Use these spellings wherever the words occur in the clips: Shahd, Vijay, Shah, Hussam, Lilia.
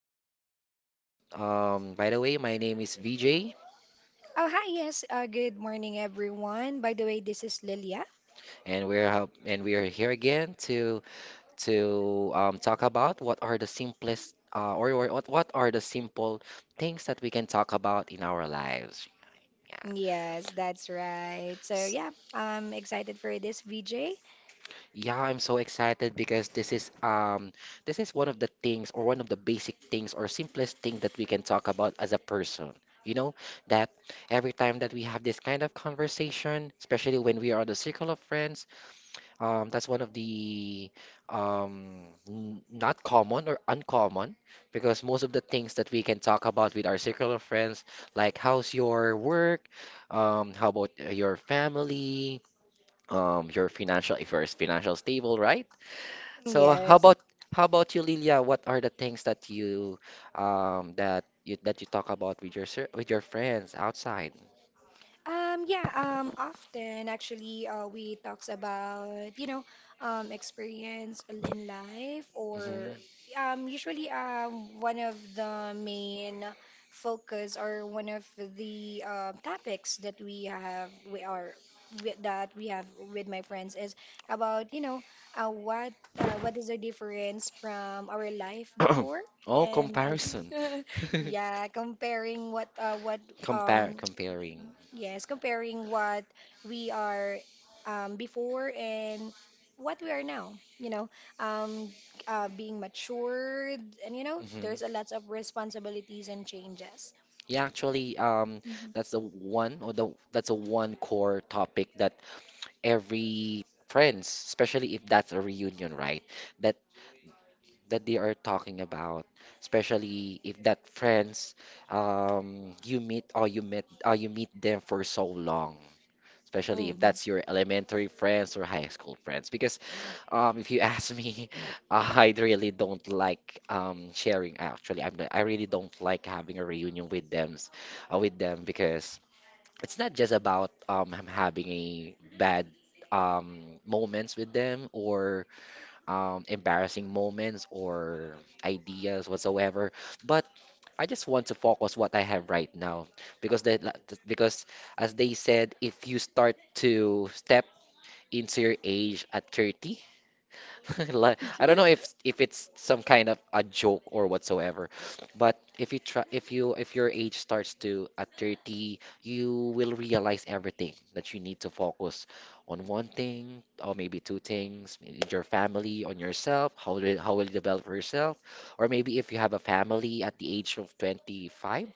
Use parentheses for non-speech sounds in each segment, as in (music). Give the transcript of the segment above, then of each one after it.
podcast. By the way, my name is VJ, Oh, hi, yes. Good morning, everyone. By the way, this is Lilia. and we are here again to talk about what are the simplest or what are the simple things that we can talk about in our lives. Yeah. Yes, that's right. So, yeah, I'm excited for this, VJ. Yeah, I'm so excited because this is one of the things or one of the basic things or simplest thing that we can talk about as a person. You know, that every time that we have this kind of conversation, especially when we are the circle of friends, that's one of the not common or uncommon because most of the things that we can talk about with our circle of friends, like how's your work, how about your family, your financial if you're financial stable, right? So how Yes. about how about you, Lilia? What are the things that you talk about with your with your friends outside? Yeah, often actually we talks about, you know, experience in life Hmm. or usually one of the main focus or one of the topics that we have we are wi- that we have with my friends is about, you know, uh, what what is the difference from our life (clears throat) before Oh, and our comparison. (laughs) (laughs) yeah, comparing what Compare um comparing. yes, comparing what we are before and what we are now, you know, um, being matured, and you know, Hmm. there's a lot of responsibilities and changes. Yeah, actually, Mhm. that's the one or the that's a one core topic that every friends, especially if that's a reunion, right? That that they are talking about, especially if that friends you meet or you met or you meet them for so long. Especially if Hmm. that's your elementary friends or high school friends, because if you ask me, (laughs) I really don't like sharing. Actually, I really don't like having a reunion with them because it's not just about I'm having a bad moments with them or embarrassing moments or ideas whatsoever. But I just want to focus what I have right now because they, because as they said, if you start to step into your age at 30. (laughs) Like, I don't know (laughs) if it's some kind of a joke or whatsoever, but if you if your age starts to at 30, you will realize everything that you need to focus on one thing or maybe two things, in your family, on yourself, how will you develop yourself, or maybe if you have a family at the age of 25,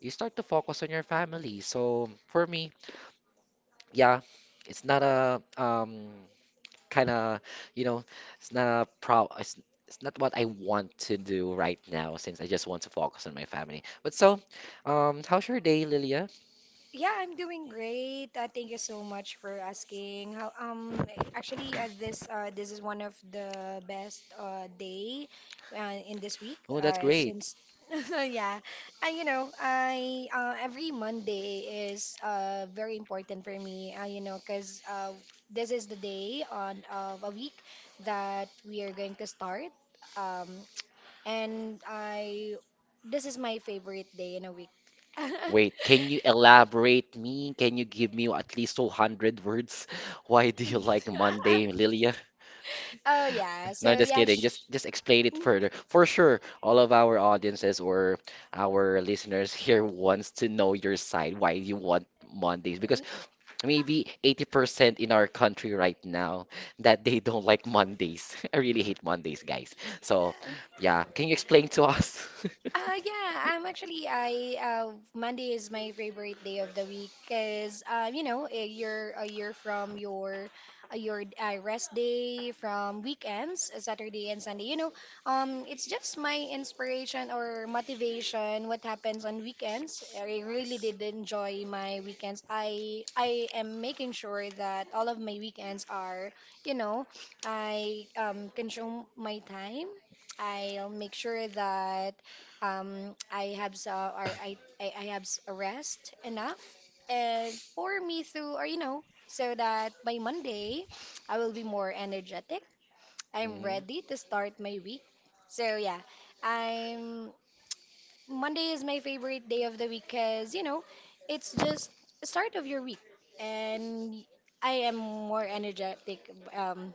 you start to focus on your family. So for me, yeah, it's not a kind of, you know, it's not a pro it's not what I want to do right now since I just want to focus on my family. But so, how's your day, Lilia? Yeah, I'm doing great. Thank you so much for asking. How Actually, this is one of the best day in this week Oh, that's great. since (laughs) yeah. And you know, I every Monday is very important for me. You know, 'cause this is the day on of a week that we are going to start. Um and I This is my favorite day in a week. (laughs) Wait, can you elaborate me? Can you give me at least 200 words? (laughs) Why do you like Monday, (laughs) Lilia? (laughs) Oh yeah. No, So just yeah, kidding. Just explain it further. For sure, all of our audiences or our listeners here wants to know your side, why you want Mondays. Because maybe 80% in our country right now that they don't like Mondays. (laughs) I really hate Mondays, guys. So, (laughs) yeah, can you explain to us? Yeah, I'm actually I Monday is my favorite day of the week because you know, you're a year from your rest day from weekends, Saturday and Sunday, you know. It's just my inspiration or motivation what happens on weekends. I really did enjoy my weekends. I am making sure that all of my weekends are, you know, I consume my time. I'll make sure that I have s- or I have s- rest enough, and for me through or you know so that by Monday I will be more energetic. (laughs) I'm Mhm. ready to start my week. So yeah, I'm Monday is my favorite day of the week because you know it's just start of your week, and I am more energetic um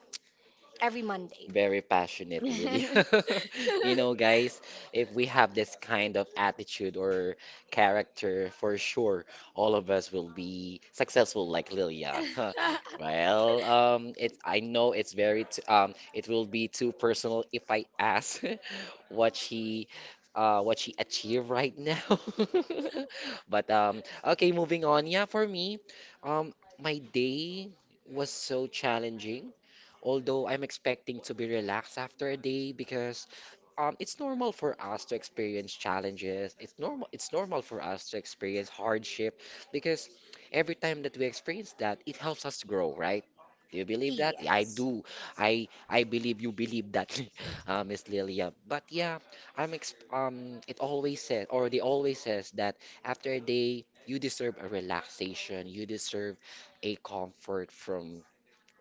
every Monday. Very passionate, Lily. (laughs) (laughs) (laughs) You know, guys, if we have this kind of attitude or character, for sure, all of us will be successful like Lilia. (laughs) Well, it I know it's very t it will be too personal if I ask (laughs) what she what she achieved right now. (laughs) But okay, moving on. Yeah, for me, my day was so challenging although I'm expecting to be relaxed after a day because it's normal for us to experience challenges. It's normal. It's normal for us to experience hardship because every time that we experience that, it helps us grow, right? Do you believe that? Yeah, I Yes. do. I believe you believe that, (laughs) Miss Lilia. But yeah, I'm ex. It always says, or they always says that after a day, you deserve a relaxation. You deserve a comfort from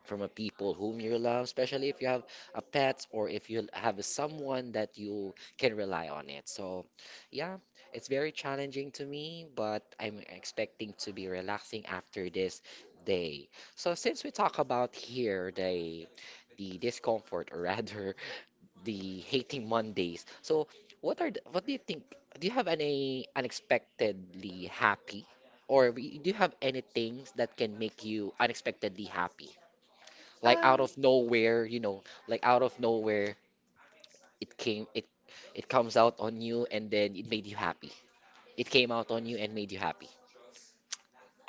from a people whom you love, especially if you have a pet or if you have someone that you can rely on it. So, yeah, it's very challenging to me, but I'm expecting to be relaxing after this day. So, since we talk about here the discomfort or (laughs) rather the hating Mondays. So, what do you think? Do you have any unexpectedly happy or do you have any things that can make you unexpectedly happy? Like out Um. of nowhere, you know, like out of nowhere, it came, it comes out on you, and then it made you happy. It came out on you and made you happy.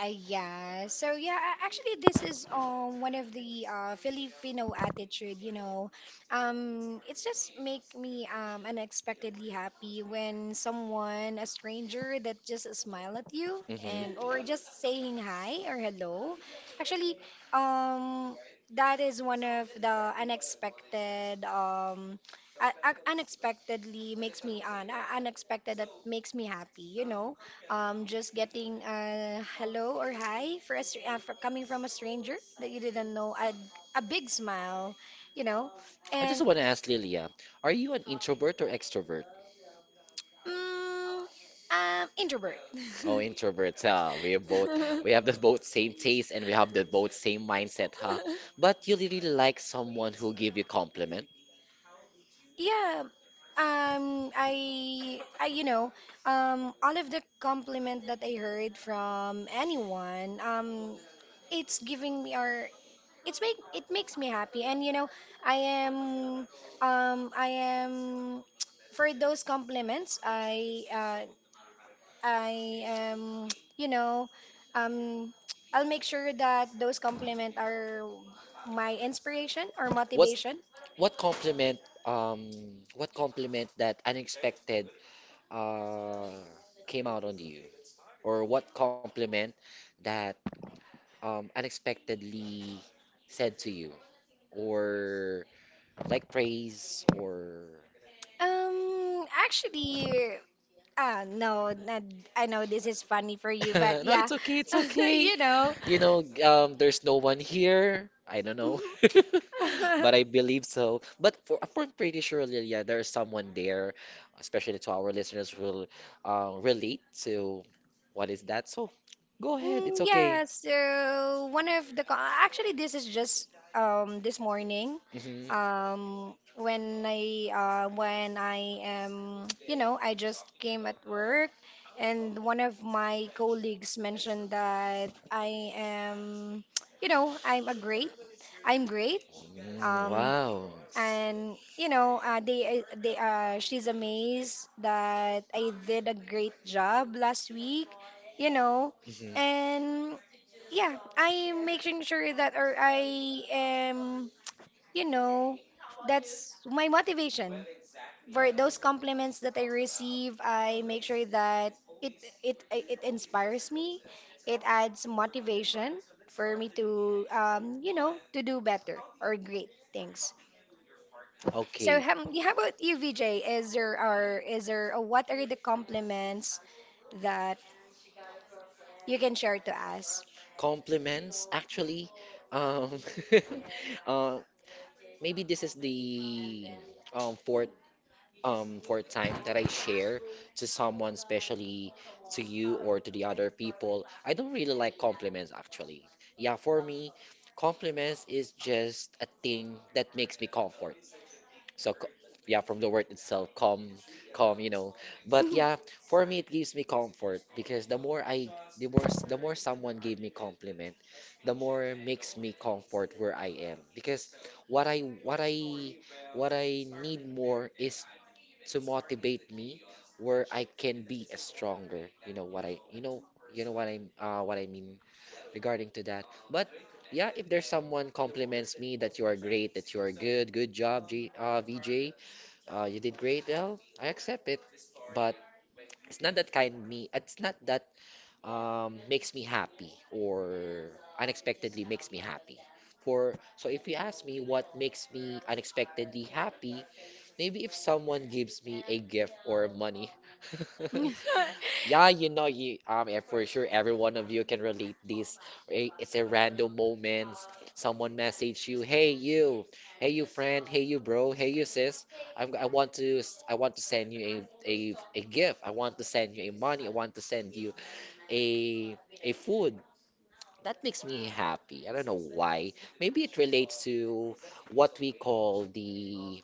Yeah. So yeah, actually, this is one of the Filipino attitude. You know, it's just make me unexpectedly happy when someone, a stranger, that just smile at you and Hmm. or just saying hi or hello. Actually, um, that is one of the unexpected unexpectedly makes me unexpected that makes me happy, you know, just getting a hello or hi for a, for coming from a stranger that you didn't know, a big smile, you know, I just and want to ask Lilia, are you an introvert or extrovert? mm, introvert. Oh, introverts, huh? We have both, we have the (laughs) both same taste and we have the both same mindset, huh? But you really like someone who give you compliment. Yeah, you know, all of the compliment that I heard from anyone, it's giving me our it makes me happy, and you know i am I am (tsk) for those compliments i am (tsk) you know um (tsk) I'll make sure that those compliments are my inspiration or What's motivation. motivation. Um what compliment that unexpected uh came out on you or what compliment that unexpectedly said to you or like praise or Actually no not, I know this is funny for you, but (laughs) No, yeah. it's okay. It's (laughs) okay. You know. You know, (laughs) there's no one here. I don't know. (laughs) But I believe so. But for I'm pretty sure, Lilia, there's someone there, (laughs) especially to our listeners who will relate to what is that. So go ahead. It's okay. Yeah, so one of the co- actually this is just this morning Hmm. When I am (tsk) you know I just came at work, and one of my colleagues mentioned that I am (tsk) you know I'm great, Mm, um wow. and you know they she's amazed that I did a great job last week, you know. Hmm. And yeah, I'm making sure that or I am you know that's my motivation. For those compliments that I receive, I make sure that it it inspires me, it adds motivation for me to you know to do better or great things. So Okay. Yeah, how about you, Vijay? Is there, what are the compliments that you can share to us? Compliments, actually. Um, (laughs) uh, Maybe this is the um fourth fourth time that I share to someone, especially to you or to the other people. I don't really like compliments actually. Yeah, for me, compliments is just a thing that makes me comfort. So, yeah, from the word itself, calm, calm, you know. But yeah, (laughs) for me, it gives me comfort because the more someone gave me compliment, the more it makes me comfort where I am. Because what I, what I, what I need more is to motivate me where I can be a stronger. You know you know what I mean regarding to that. But yeah, if there's someone compliments me that you are great, that you are good, good job, VJ. You did great. Well, I accept it, but it's not that kind me. It's not that makes me happy or unexpectedly makes me happy. For so if you ask me what makes me unexpectedly happy, maybe if someone gives me a gift or money. (laughs) Yeah, you know, for sure, every one of you can relate this. Right? It's a random moments. Someone message you, "Hey you, hey you friend, hey you bro, hey you sis. I want to send you a gift. I want to send you a money. I want to send you a food." That makes me happy. I don't know why. Maybe it relates to what we call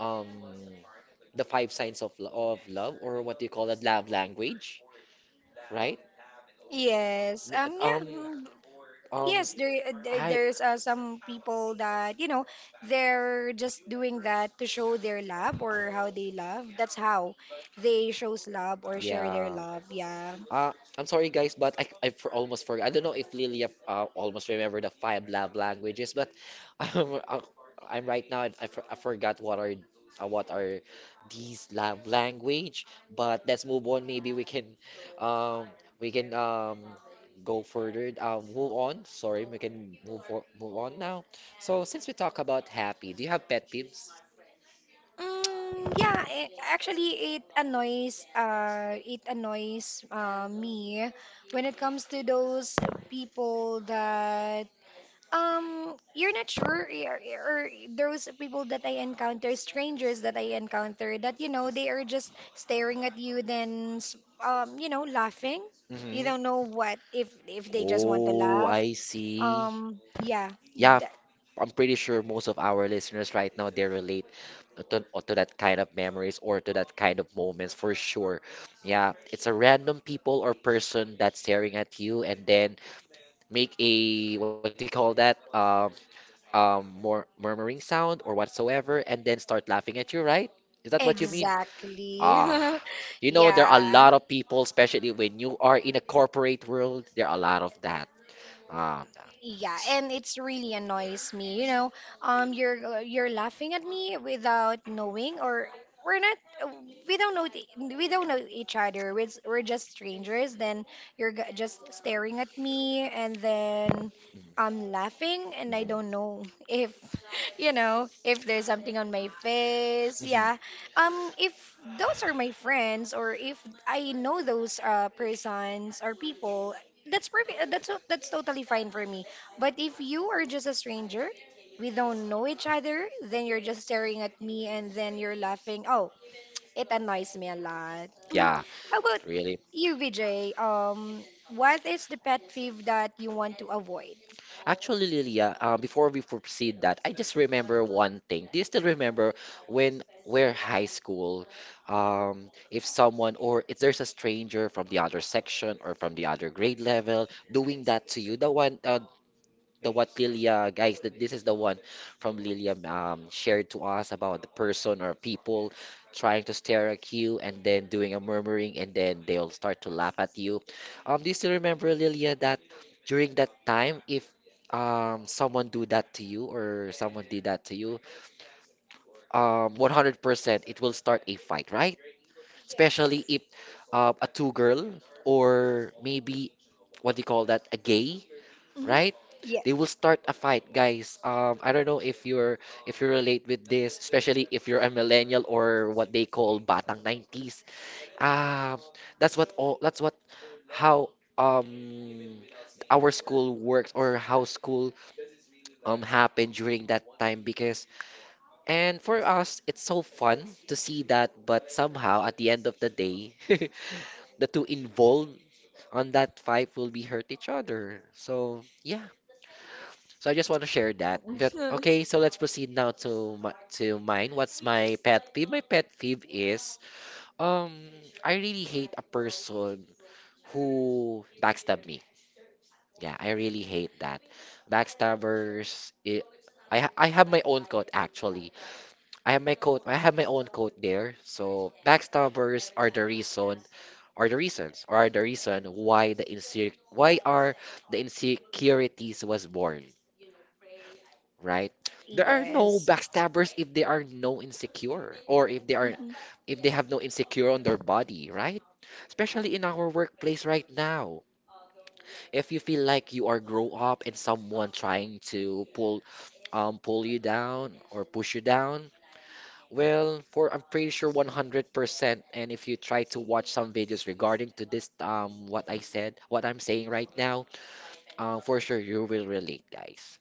um the five signs of love, or what do you call it love language, right? Yes. Me- Yeah. Um, Mm. um, Yes. There. I, There's some people that you know they're just doing that to show their love or how they love. That's how they shows love or share their yeah. love. Yeah. Uh, I'm sorry, guys, but I for almost forgot. I don't know if Lilia almost remember the five love languages, but (laughs) um, uh, I'm right now. I forgot what are these love language. But let's move on. Maybe um, we can go further. Move on. Sorry, we can move on now. So since we talk about happy, do you have pet peeves? Yeah, actually, it annoys me when it comes to those people that you're not sure, or those people that I encounter, strangers that I encounter, that you know they are just staring at you, then you know laughing. You don't Mm-hmm. know what if they just want to Oh, laugh. I see. Yeah, Yeah, f- that, I'm pretty sure most of our listeners right now they relate to that kind of memories or to that kind of moments for sure. Yeah, it's a random people or person that's staring at you and then make a what do you call that? More murmuring sound or whatsoever, and then start laughing at you, right? Is that what you mean? exactly. Ah. (laughs) You know, there are a Yeah. lot of people, especially when you are in a corporate world, there are a lot of that. Ah. Yeah, and it's really annoys me. You know, you're laughing at me without knowing, or we're not. Uh, we don't know. We don't know each other. We're just strangers. Then just staring at me, and then Mm. I'm laughing, and I don't Mhm. know (laughs) if you know if there's something on my face. Hmm. Yeah. If those are my friends, or if I know those persons or people, that's perfect. That's totally fine for me. But if you are just a stranger, we don't know each other, then you're just staring at me and then you're laughing. Oh, it annoys me a lot. Mm. Yeah, How about really. you, Vijay? What is the pet peeve that you want to avoid? Actually, Lilia, before we proceed that, I just remember one thing. Do you still remember when we're high school? If someone or if there's a stranger from the other section or from the other grade level doing that to you, the what Lilia guys that this is the one from Lilia shared to us about the person or people trying to stare at you and then doing a murmuring and then they'll start to laugh at you. Do you still remember Lilia that during that time if someone do that to you or someone did that to you, 100% it will start a fight, right? Especially if a two girl or maybe what do you call that a gay, Mm-hmm. right? Yeah. They will start a fight, guys. I don't know if you're if you relate with this, especially if you're a millennial or what they call batang 90s. Um, that's what how um our school works, or how school happened during that time. Because and for us it's so fun to see that, but somehow at the end of the day (laughs) the two involved on that fight will be hurt each other. So yeah. So I just want to share that. But Mm-hmm. okay, so let's proceed now to to mine. What's my pet peeve? My pet peeve is um I really hate a person who backstab me. Yeah, I really hate that. Backstabbers. I have my own quote actually. I have my quote. I have my own quote there. So backstabbers are the reason why the insecure why are the insecurities was born. Right? There are no Yes. backstabbers if they are no insecure, or if they are Mm-hmm. if they have no insecure on their body, right? Especially in our workplace right now. If you feel like you are grow up and someone trying to pull pull you down or push you down, well, for I'm pretty sure 100%. And if you try to watch some videos regarding to this what I said, what I'm saying right now, for sure you will relate, guys.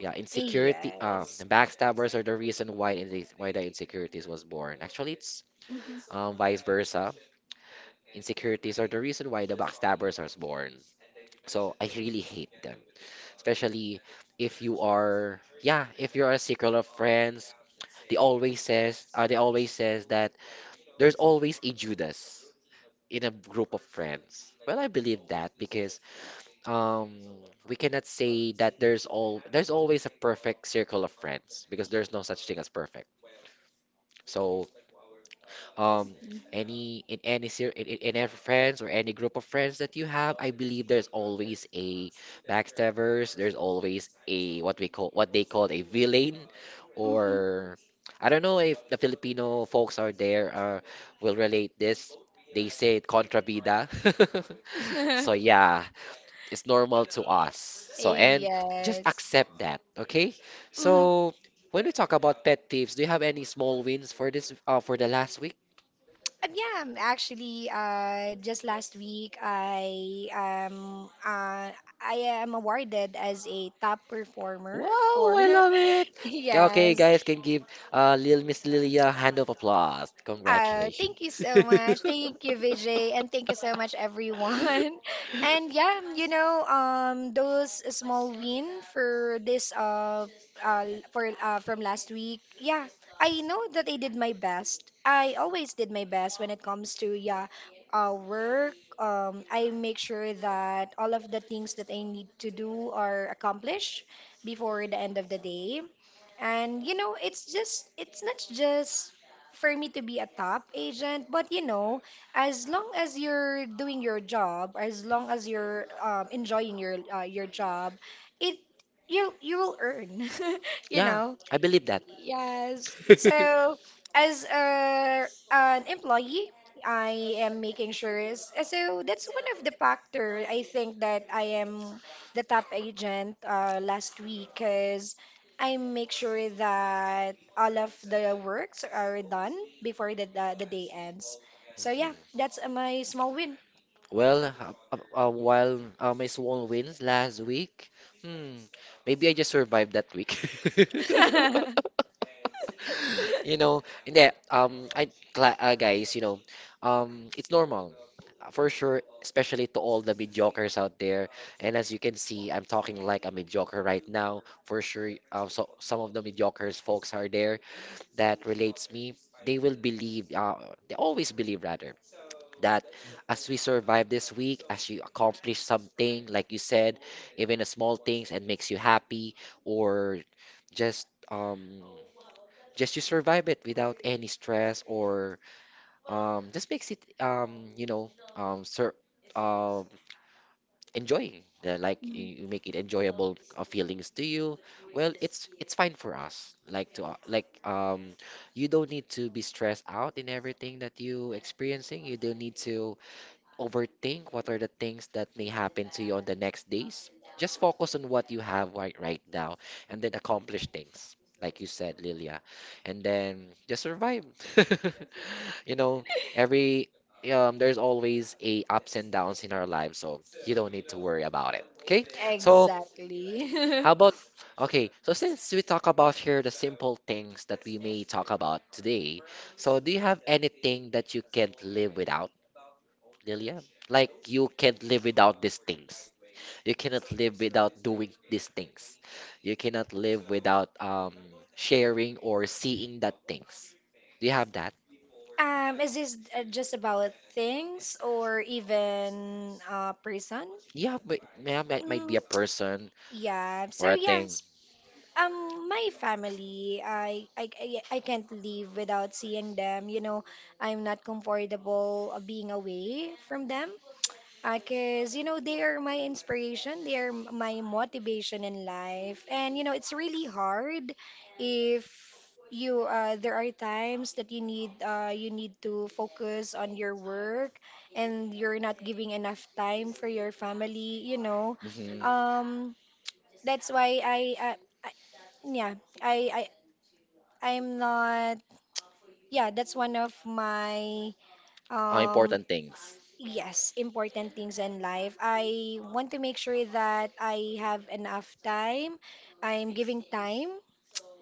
Yeah, insecurity. Yes. The backstabbers are the reason why the insecurities was born. Actually, it's Mm-hmm. Vice versa. Insecurities are the reason why the backstabbers are born. So I really hate them, especially if you are yeah, if you're a circle of friends. They always says that there's always a Judas in a group of friends. Well, I believe that because um we cannot say that there's always a perfect circle of friends because there's no such thing as perfect. So, um, any in any ser in every friends or any group of friends that you have, I believe there's always a backstabbers. There's always a what they call a villain, Mm-hmm. or I don't know if the Filipino folks are there will relate this. They say it, contra vida. (laughs) So (laughs) yeah, it's normal to us. So, and just Yes. accept that, okay? Mhm. So, when we talk about pet peeves, do you have any small wins for this for the last week? Yeah, actually, just last week I am awarded as a top performer Wow, for I love it. (laughs) Yeah, okay, yes. guys, can give Lil Miss Lilia a hand of applause. Oh, Congratulations. thank you so (laughs) much. Thank you, Vijay, and thank you so much, everyone. (laughs) And yeah, you know, those small win for this uh for from last week. Yeah, I know that I did my best. I always did my best when it comes to, yeah, work. I make sure that all of the things that I need to do are accomplished before the end of the day. And you know, it's not just for me to be a top agent. But you know, as long as you're doing your job, as long as you're enjoying your job, it you'll, you will earn, (laughs) you Yeah, know. I believe that. Yes. So, as a, an employee, I am making sure is, so that's one of the factor I think that I am the top agent last week because I make sure that all of the works are done before the day ends. So yeah, (laughs) that's my small win. Well, while my Swan wins last week, hmm, maybe I just survived that week. (laughs) (laughs) You know, and that guys, you know, it's normal for sure, especially to all the mediocres out there. And as you can see, I'm talking like a mediocre right now. For sure, so some of the mediocres folks are there that relates me. They will believe, they always believe rather that as we survive this week, as you accomplish something, like you said, even the small things and makes you happy, or just um just you survive it without any stress, or just makes it you know sur um enjoying the, like you make it enjoyable feelings to you. Well, it's fine for us, like to like you don't need to be stressed out in everything that you experiencing. You don't need to overthink what are the things that may happen to you on the next days. Just focus on what you have right now and then accomplish things. Like you said, Lilia. And then just survive. (laughs) You know, every there's always a ups and downs in our lives, so you don't need to worry about it. Okay? So Exactly. (laughs) how about okay, so since we talk about here the simple things that we may talk about today, so do you have anything that you can't live without? Lilia, like you can't live without these things. You cannot live without doing these things. You cannot live without sharing or seeing that things. Do you have that? Is this just about things or even person? Yeah, but yeah, might be Mm, a person yeah. So or a thing. yes, my family, I can't live without seeing them. You know, I'm not comfortable being away from them. Because, you know, they are my inspiration, my motivation in life. And, you know, it's really hard if you there are times that you need to focus on your work and you're not giving enough time for your family, you know. Mm-hmm. Um, that's why I yeah, I, I I'm not, yeah, that's one of my um Important things. yes, important things in life. I want to make sure that I have enough time. I'm giving time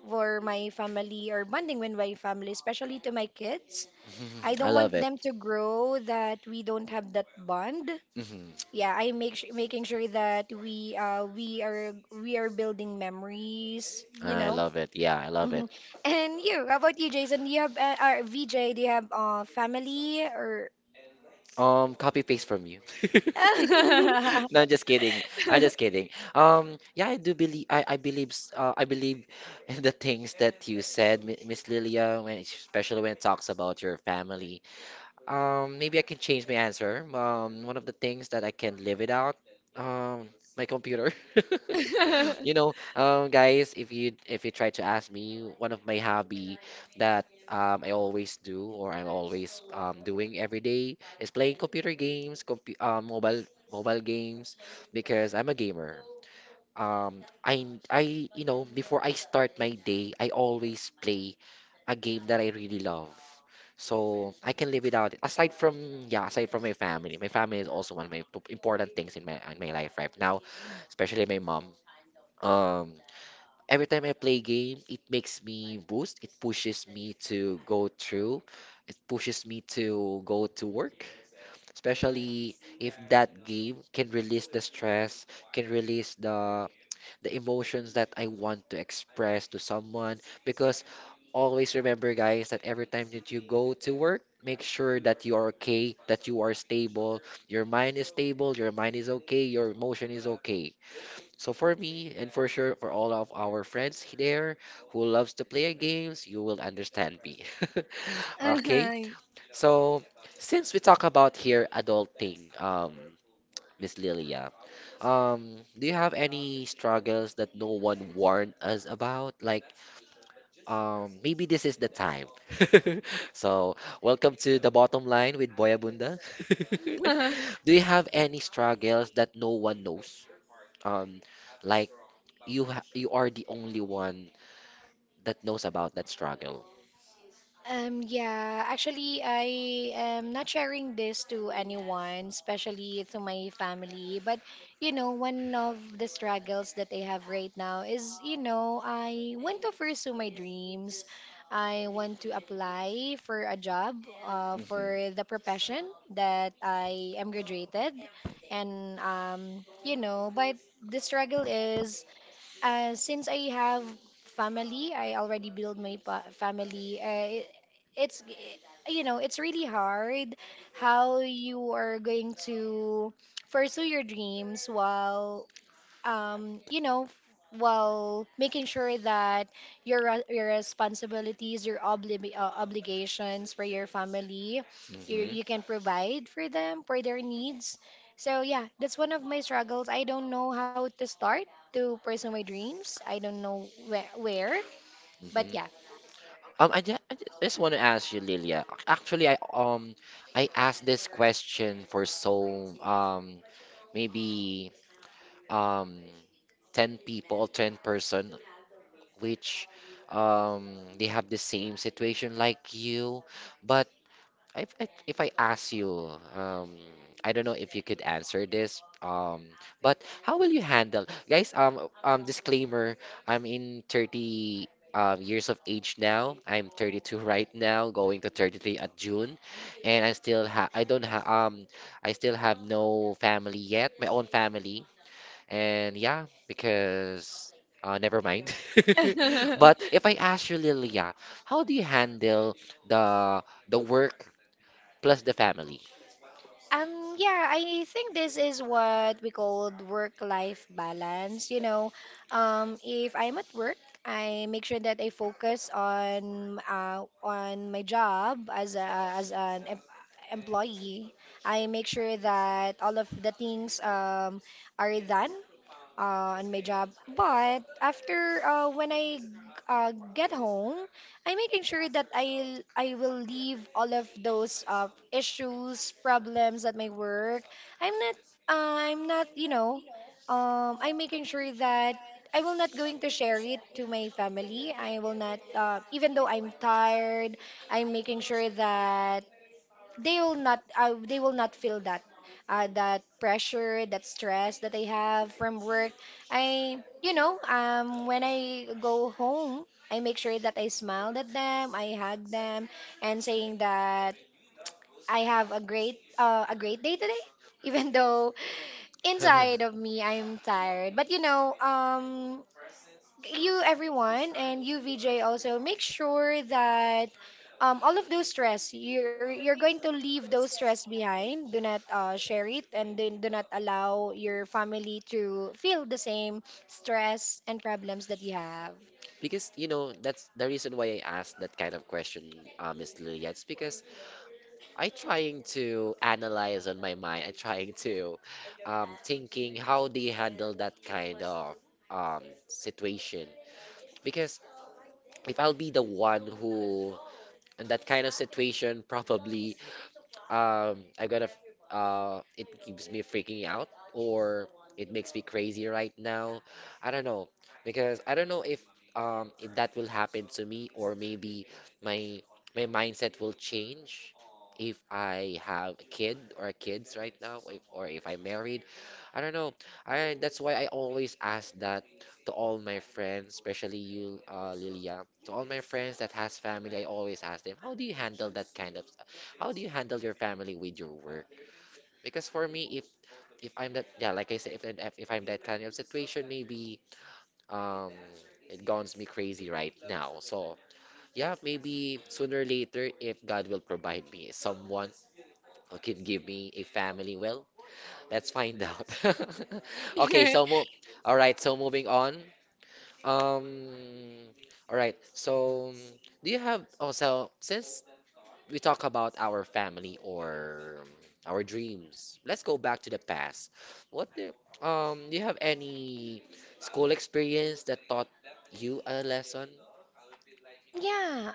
for my family or bonding with my family, especially to my kids. (laughs) I Mhm. I don't love want it. them to grow that we don't have that bond. Hmm. Yeah, making sure that we are building memories, you I know. love it. Yeah, I love it. Mhm. (laughs) And you, how about you, Jason? Do you have or VJ, do you have family or Copy paste from you. (laughs) No, I'm (laughs) just kidding. I'm just kidding. Yeah, I do believe I believe (laughs) in the things that you said, Miss Lilia, when especially when it talks about your family. Maybe I can change my answer. One of the things that I can live without, um, my computer. (laughs) You know, (laughs) guys, if you try to ask me, one of my hobby that I always do, or I'm always doing every day is playing computer games, compu mobile games, because I'm a gamer. I you know, before I start my day, I always play a game that I really love. So I can live without it. Aside from yeah, aside from my family is also one of my important things in my life right now, especially my mom. Um, every time I play game, it makes me boost. It pushes me to go through. It pushes me to go to work, especially if that game can release the stress, can release the emotions that I want to express to someone. Because always remember, guys, that every time that you go to work, make sure that you are okay, that you are stable, your mind is stable, your mind is okay, your emotion is okay. So for me, and for sure for all of our friends there who loves to play games, you will understand me. (laughs) Okay, (laughs) so since we talk about here adulting, Miss Lilia. Do you have any struggles that no one warned us about? Like, maybe this is the time. (laughs) So, welcome to the bottom line with Boya Bunda. (laughs) Do you have any struggles that no one knows? Um, like you are the only one that knows about that struggle. Yeah, actually, I am not sharing this to anyone, especially to my family. But, you know, one of the struggles that I have right now is, you know, I want to pursue my dreams. I want to apply for a job, Mm-hmm. for the profession that I am graduated. And, you know, but the struggle is, since I have family, I already build my family. It's, you know, it's really hard how you are going to pursue your dreams while you know, while making sure that your responsibilities, your obligations for your family, you Mm-hmm. can provide for them for their needs. So yeah, that's one of my struggles. I don't know how to start to pursue my dreams. I don't know where, but Mm-hmm. Just want to ask you, Lilia. Actually, I asked this question for so maybe um 10 people or 10-person which they have the same situation like you, but if I ask you, um, I don't know if you could answer this, but how will you handle, guys? Disclaimer: I'm in 30 years of age now. I'm 32 (laughs) right now, going to 33 at June, and I don't ha I still have no family yet, my own family, and yeah, because never mind. (laughs) yeah. (laughs) But if I ask you, Lilia, how do you handle the work? Plus the family. Yeah, I think this is what we call work-life balance. You know, if I'm at work, I make sure that I focus on, on my job as a, as an employee. I make sure that all of the things, are done on my job. But after, when I, get home, I'm making sure that I will leave all of those issues, problems at my work. I'm not, I'm not, you know, I'm making sure that I will not going to share it to my family. I will not, even though I'm tired. I'm making sure that they will not feel that, that pressure, that stress that they have from work. I you know when I go home I make sure that I smiled at them, I hug them, and saying that I have a great, day today (laughs) even though inside of (laughs) me I'm tired, but you know you everyone and you VJ also make sure that all of those stress, you're going to leave those stress behind. Do not, share it, and then do not allow your family to feel the same stress and problems that you have. Because you know, that's the reason why I asked that kind of question, Miss Lilia. It's because I trying to analyze on my mind. I trying to thinking how they handle that kind of situation. Because if I'll be the one who in that kind of situation, probably um I gotta f- it keeps me freaking out, or it makes me crazy right now. I don't know, because I don't know if that will happen to me, or maybe my my mindset will change if I have a kid or kids right now if, or if I'm married, I don't know. I that's why I always ask that to all my friends, especially you, Lilia. To all my friends that has family, I always ask them, how do you handle that kind of, how do you handle your family with your work? Because for me, if I'm that, yeah, like I said, if I'm that kind of situation, maybe um, it gons me crazy right now. So yeah, maybe sooner or later, if God will provide me someone who can give me a family, well, let's find out. (laughs) (laughs) Okay, Yeah, so move. All right, so moving on. Um, all right. So, do you have oh, so since we talk about our family or our dreams, let's go back to the past. What do, do you have any school experience that taught you a lesson?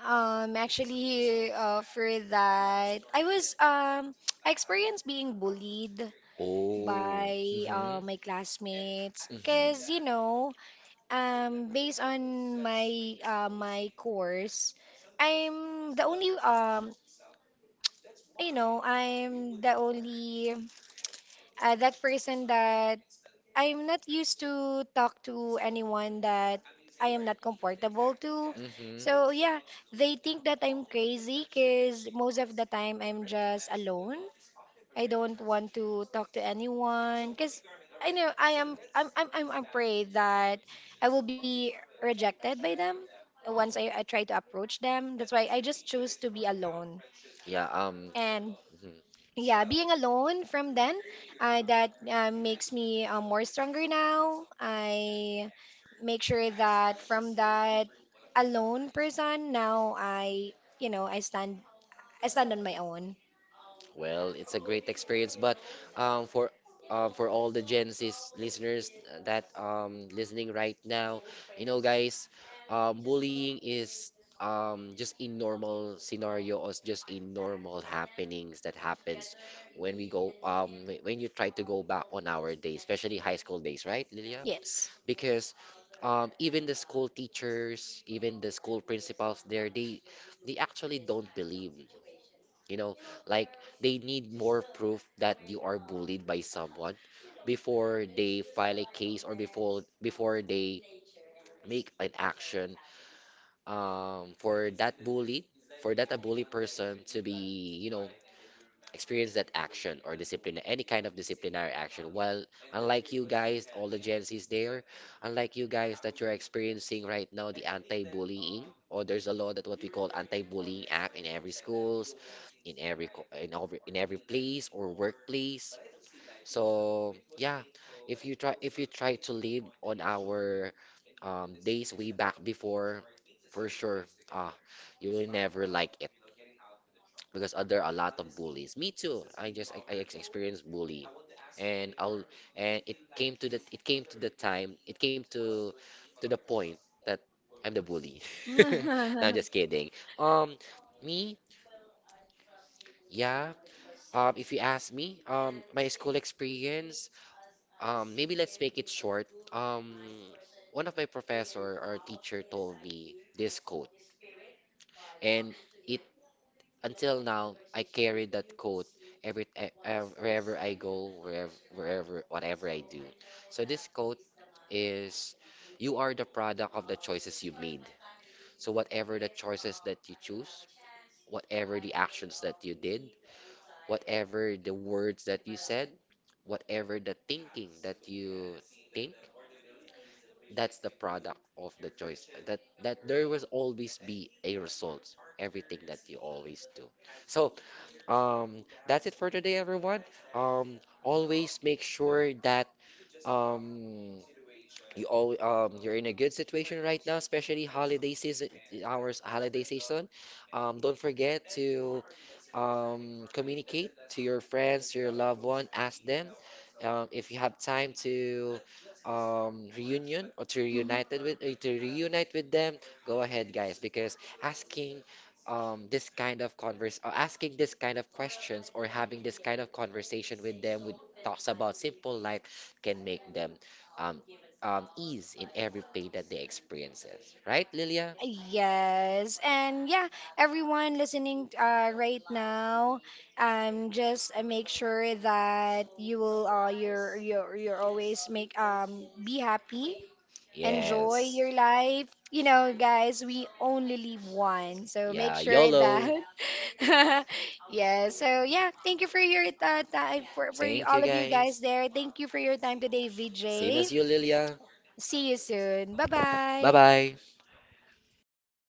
actually, for that, I was, (tsk) I experienced being bullied Oh. by Mm-hmm. My classmates because, you Mm-hmm. know, based on my my course, I'm the only you know I'm the only that person that I'm not used to talk to anyone that I am not comfortable to. Mm-hmm. So yeah, they think that I'm crazy because most of the time I'm just alone. I don't want to talk to anyone because I know I'm afraid that I will be rejected by them once I try to approach them. That's why I just choose to be alone. Yeah, And mhm. yeah, being alone from then, that makes me more stronger now. I make sure that from that alone person, now you know, I stand on my own. Well, it's a great experience, but um, for for all the Gen Z listeners that listening right now, you know, guys, bullying is just a normal scenario, or just a normal happenings that happens when we go when you try to go back on our days, especially high school days, right, Lilia? Yes. Because even the school teachers, even the school principals there, they actually don't believe. You know, like they need more proof that you are bullied by someone before they file a case, or before they make an action for that bully, for that a bully person to be, you know, experience that action or discipline, any kind of disciplinary action. Well, unlike you guys, all the Gen Zs there, unlike you guys that you're experiencing right now, the anti-bullying, or there's a law that what we call anti-bullying act in every schools, in every place or workplace. So yeah, if you try to live on our days way back before, for sure, ah, you will never like it, because there are a lot of bullies. Me too. Experienced bully, and I'll and it came to the it came to the time it came to the point that I'm the bully. (laughs) No, I'm (laughs) just kidding. Um, me, yeah. If you ask me, my school experience, maybe let's make it short. Um, one of my professor or teacher told me this quote, and it until now, I carry that quote every wherever I go, whatever I do. So this quote is, "You are the product of the choices you made." So whatever the choices that you choose, whatever the actions that you did, whatever the words that you said, whatever the thinking that you think, that's the product of the choice. That there will always be a result. Everything that you always do. So that's it for today, everyone. Always make sure that um, you all you're in a good situation right now, especially holiday season, our holiday season. Don't forget to communicate to your friends, to your loved one, ask them if you have time to reunion, or to Mhm. reunited with to reunite with them. Go ahead, guys, because asking this kind of converse asking this kind of questions, or having this kind of conversation with them with talks about simple life can make them um, ease in every pain that they experiences. Right, Lilia? Yes, and yeah, everyone listening right now, just make sure that you're always make be happy, enjoy Yes. your life. You know, guys, we only live one, so make Yeah, sure that. YOLO. (laughs) Yeah. So yeah, thank you for your time for Thank you, all of you guys guys. there. Thank you for your time today, Same VJ. as you, Lilia. See you soon. Bye Bye bye. bye.